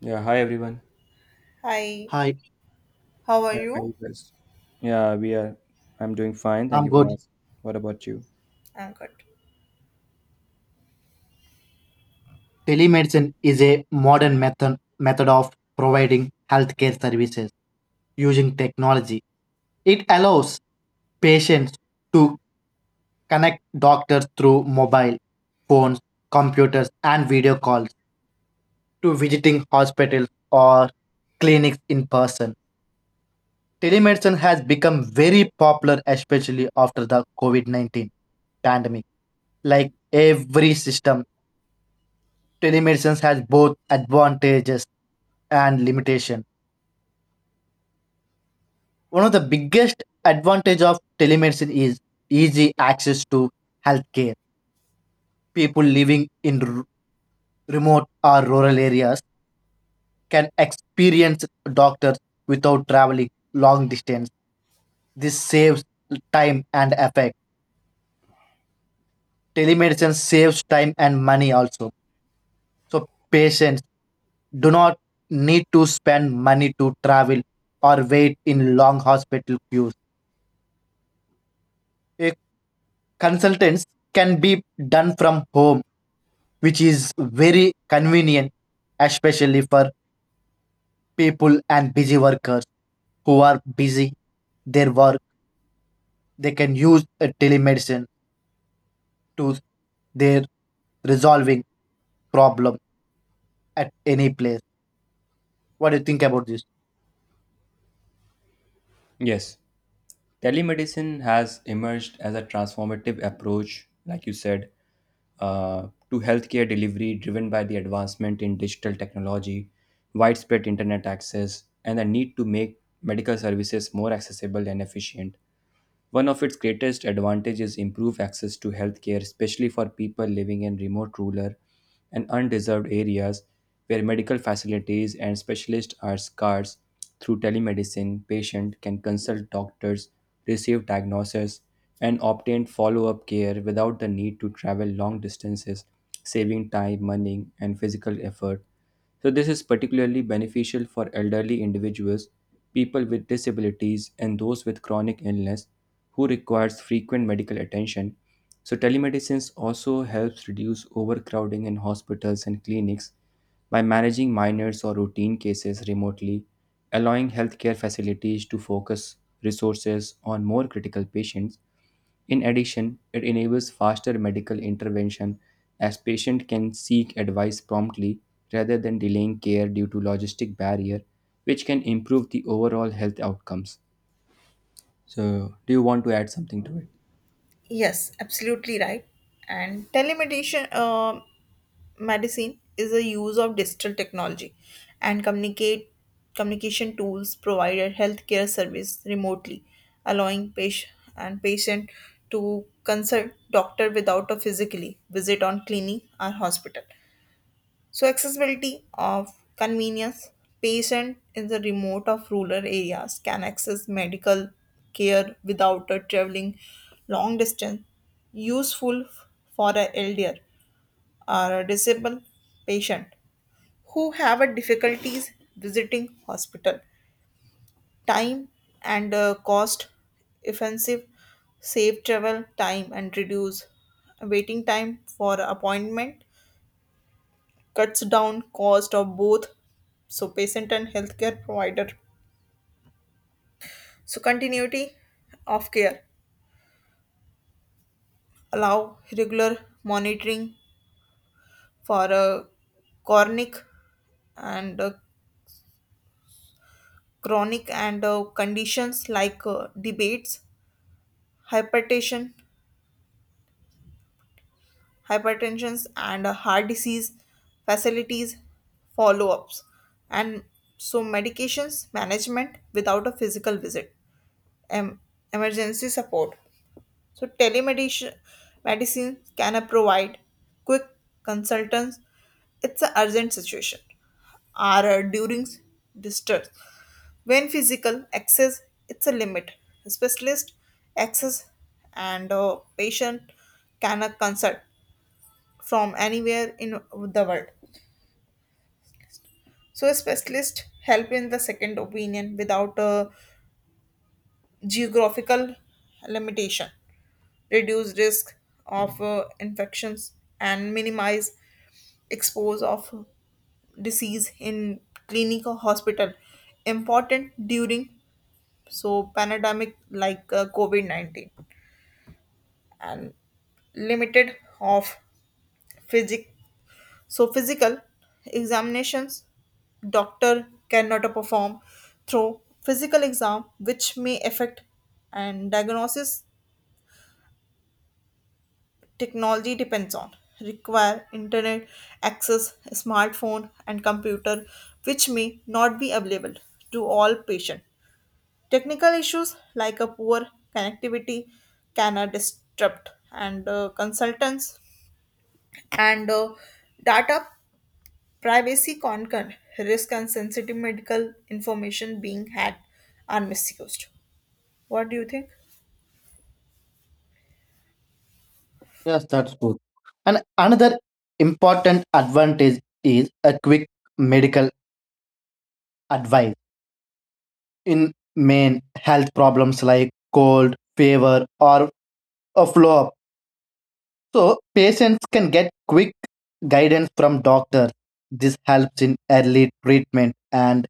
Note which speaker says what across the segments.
Speaker 1: Yeah, hi everyone.
Speaker 2: Hi,
Speaker 3: Hi,
Speaker 2: how are
Speaker 1: Yeah, hi
Speaker 2: you?
Speaker 1: you guys. Yeah, we are. I'm doing fine. Thank
Speaker 3: I'm
Speaker 1: you for
Speaker 3: good.
Speaker 1: asking. What about you?
Speaker 2: I'm good.
Speaker 3: Telemedicine is a modern method of providing healthcare services using technology. It allows patients to connect doctors through mobile phones, computers, and video calls to visiting hospitals or clinics in person. Telemedicine has become very popular, especially after the COVID -19 pandemic. Like every system, telemedicine has both advantages and limitation. One of the biggest advantage of telemedicine is easy access to healthcare. People living in remote or rural areas can experience doctors without traveling long distance. This saves time and effort. Telemedicine saves time and money also. So patients do not need to spend money to travel or wait in long hospital queues. Consultants can be done from home, which is very convenient, especially for people and busy workers who are busy their work. They can use a telemedicine to their resolving problem at any place. What do you think about this?
Speaker 1: Yes, telemedicine has emerged as a transformative approach, like you said, uh, to healthcare delivery driven by the advancement in digital technology, widespread internet access, and the need to make medical services more accessible and efficient. One of its greatest advantages is improved access to healthcare, especially for people living in remote, rural, and undeserved areas where medical facilities and specialists are scarce. Through telemedicine, patients can consult doctors, receive diagnosis, and obtain follow-up care without the need to travel long distances, saving time, money, and physical effort. So, this is particularly beneficial for elderly individuals, people with disabilities, and those with chronic illness who requires frequent medical attention. So, telemedicine also helps reduce overcrowding in hospitals and clinics by managing minors or routine cases remotely, allowing healthcare facilities to focus resources on more critical patients. In addition, it enables faster medical intervention as patient can seek advice promptly rather than delaying care due to logistic barrier, which can improve the overall health outcomes. So, do you want to add something to it?
Speaker 2: Yes, absolutely right. And telemedication medicine is a use of digital technology and communicate communication tools provided healthcare service remotely, allowing patient to consult doctor without a physically visit on clinic or hospital. So accessibility of convenience. Patient in the remote of rural areas can access medical care without traveling long distance. Useful for a elder or a disabled patient who have a difficulties visiting hospital. Time and cost offensive save travel time and reduce waiting time for appointment cuts down cost of both so patient and healthcare provider so continuity of care allow regular monitoring for chronic and uh, chronic and conditions like debates hypertension hypertensions and heart disease facilities follow-ups and so medications management without a physical visit em- emergency support. So telemedicine medicine can provide quick consultants. It's an urgent situation or during distress. When physical access, it's a limit. Specialist access and patient can consult from anywhere in the world. So a specialist help in the second opinion without a geographical limitation. Reduce risk of infections and minimize expose of disease in clinic or hospital important during so pandemic like covid-19 and limited of physic physical examinations doctor cannot perform through physical exam which may affect and diagnosis technology depends on require internet access smartphone and computer which may not be available to all patients. Technical issues like a poor connectivity can disrupt and consultants and data privacy concern risk and sensitive medical information being had are misused. What do you think?
Speaker 3: Yes, that's good. And another important advantage is a quick medical advice in main health problems like cold, fever, or a flu. So patients can get quick guidance from doctor. This helps in early treatment and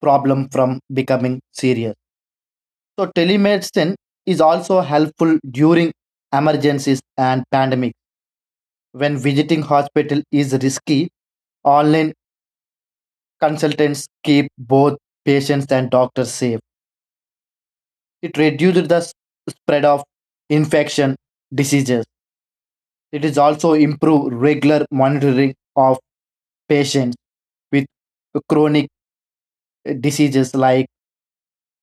Speaker 3: problem from becoming serious. So telemedicine is also helpful during emergencies and pandemic. When visiting hospital is risky, online consultants keep both patients and doctors safe. It reduces the spread of infection diseases. It is also improve regular monitoring of patients with chronic diseases like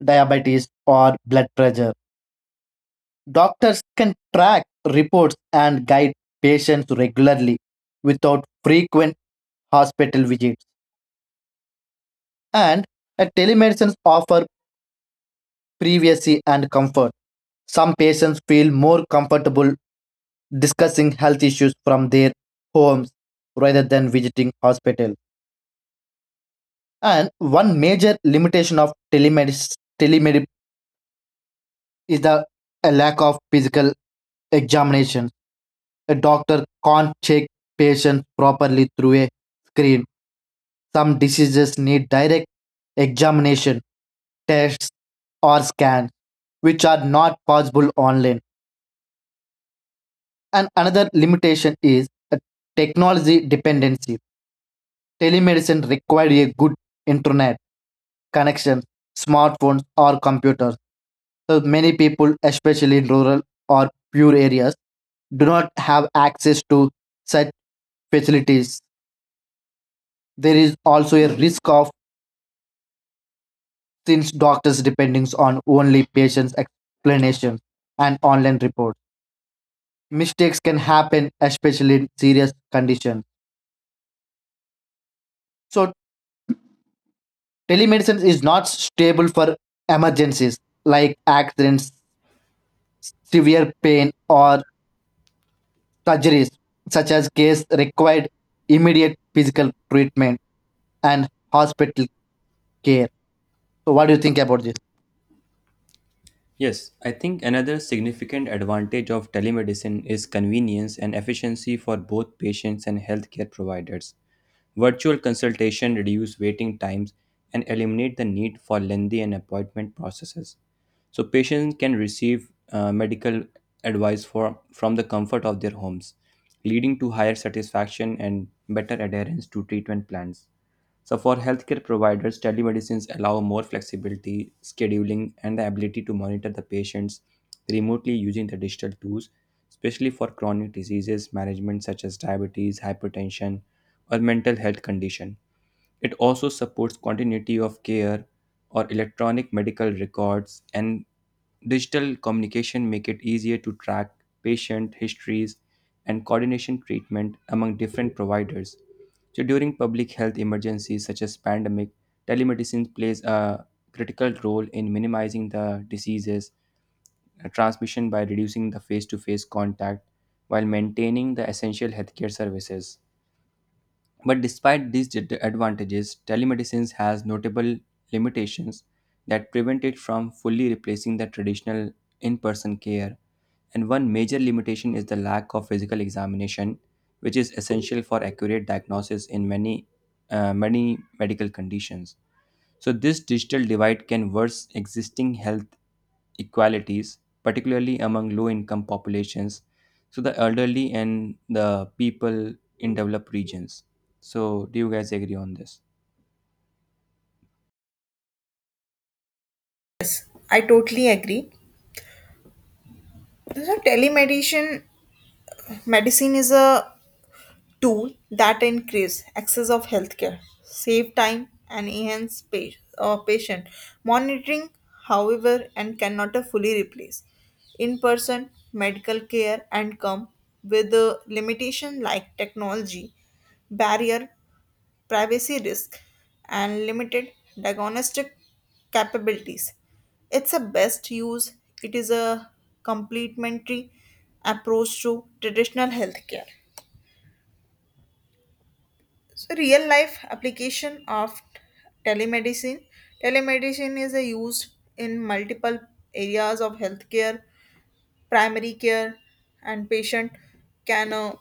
Speaker 3: diabetes or blood pressure. Doctors can track reports and guide patients regularly without frequent hospital visits. And telemedicine offer privacy and comfort. Some patients feel more comfortable discussing health issues from their homes rather than visiting hospital. And one major limitation of telemedicine is the a lack of physical examination. A doctor can't check patients properly through a screen. Some diseases need direct examination, tests, or scans, which are not possible online. And another limitation is a technology dependency. Telemedicine required a good internet connection, smartphones, or computers. So many people, especially in rural or poor areas, do not have access to such facilities. There is also a risk of since doctors depending on only patients' explanations and online reports. Mistakes can happen, especially in serious conditions. So telemedicine is not stable for emergencies like accidents, severe pain, or surgeries such as case required immediate physical treatment and hospital care. So what do you think about this?
Speaker 1: Yes, I think another significant advantage of telemedicine is convenience and efficiency for both patients and healthcare providers. Virtual consultation reduce waiting times and eliminate the need for lengthy and appointment processes. So patients can receive medical from the comfort of their homes, leading to higher satisfaction and better adherence to treatment plans. So for healthcare providers, telemedicines allow more flexibility, scheduling, and the ability to monitor the patients remotely using the digital tools, especially for chronic diseases management such as diabetes, hypertension, or mental health condition. It also supports continuity of care or electronic medical records, and digital communication make it easier to track patient histories and coordination treatment among different providers. So during public health emergencies such as pandemic, telemedicine plays a critical role in minimizing the diseases transmission by reducing the face-to-face contact while maintaining the essential healthcare services. But despite these advantages, telemedicine has notable limitations that prevent it from fully replacing the traditional in person care. And one major limitation is the lack of physical examination, which is essential for accurate diagnosis in many, many medical conditions. So, this digital divide can worsen existing health equalities, particularly among low income populations, so the elderly and the people in developed regions. So, do you guys agree on this?
Speaker 2: I totally agree. So telemedicine medicine is a tool that increase access of healthcare, save time and enhance patient monitoring, however, and cannot fully replace in-person medical care and come with a limitation like technology, barrier, privacy risk, and limited diagnostic capabilities. It's a best use. It is a complementary approach to traditional healthcare. So, real life application of telemedicine. Telemedicine is a used in multiple areas of healthcare, primary care, and patient can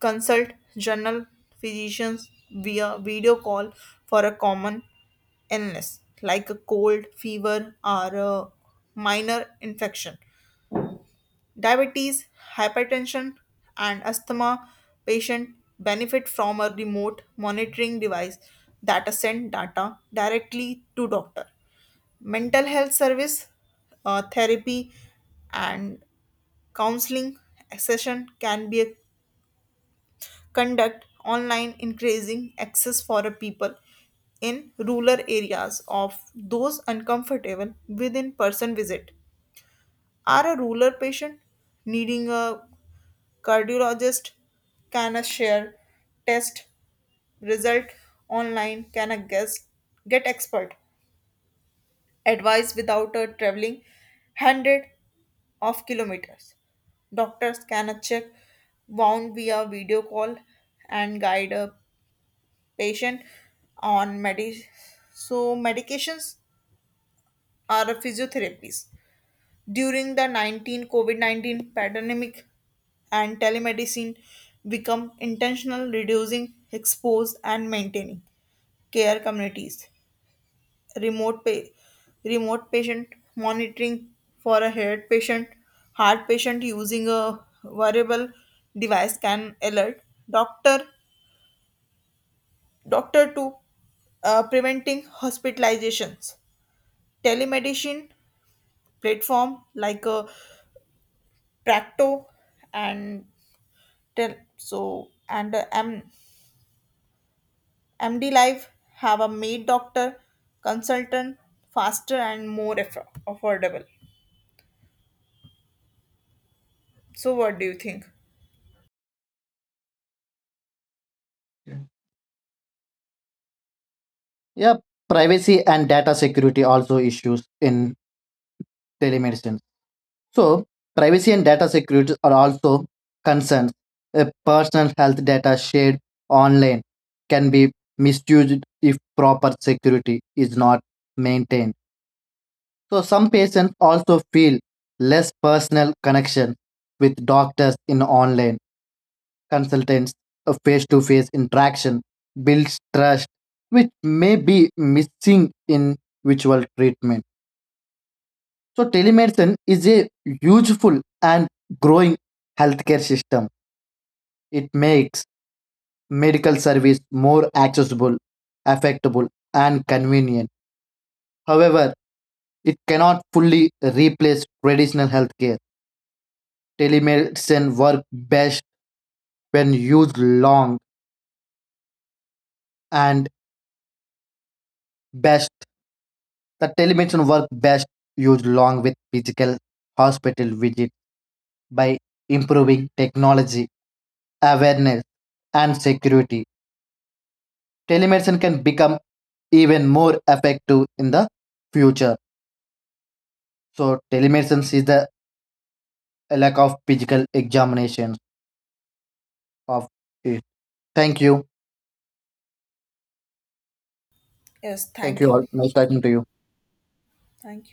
Speaker 2: consult general physicians via video call for a common illness like a cold, fever, or a minor infection. Diabetes, hypertension, and asthma patients benefit from a remote monitoring device that sends data directly to doctor. Mental health service, therapy, and counseling session can be conducted online, increasing access for a people in rural areas of those uncomfortable with in-person visit. Are a rural patient needing a cardiologist can share test result online, can a guess, get expert advice without a traveling hundred of kilometers. Doctors can check wound via video call and guide a patient on medi. So medications are a physiotherapies. During the 19 COVID-19 pandemic and telemedicine become intentional reducing expose and maintaining care communities. Remote pa- remote patient monitoring for a heart patient using a wearable device can alert doctor doctor to preventing hospitalizations. Telemedicine platform like a practo and tell so and md life have a made doctor consultant faster and more affordable. So what do you think?
Speaker 3: Yeah. Yeah, privacy and data security also issues in telemedicine. So privacy and data security are also concerns. Personal health data shared online can be misused if proper security is not maintained. So some patients also feel less personal connection with doctors in online consultants, a face to face interaction builds trust, which may be missing in virtual treatment. So, telemedicine is a useful and growing healthcare system. It makes medical service more accessible, affectable, and convenient. However, it cannot fully replace traditional healthcare. Telemedicine works best when used long and best The telemedicine work best used along with physical hospital visit by improving technology, awareness, and security. Telemedicine can become even more effective in the future. So telemedicine is the lack of physical examination of it. Thank you.
Speaker 2: Yes,
Speaker 3: Thank
Speaker 2: thank
Speaker 3: you
Speaker 2: you.
Speaker 3: all. Nice talking to you.
Speaker 2: Thank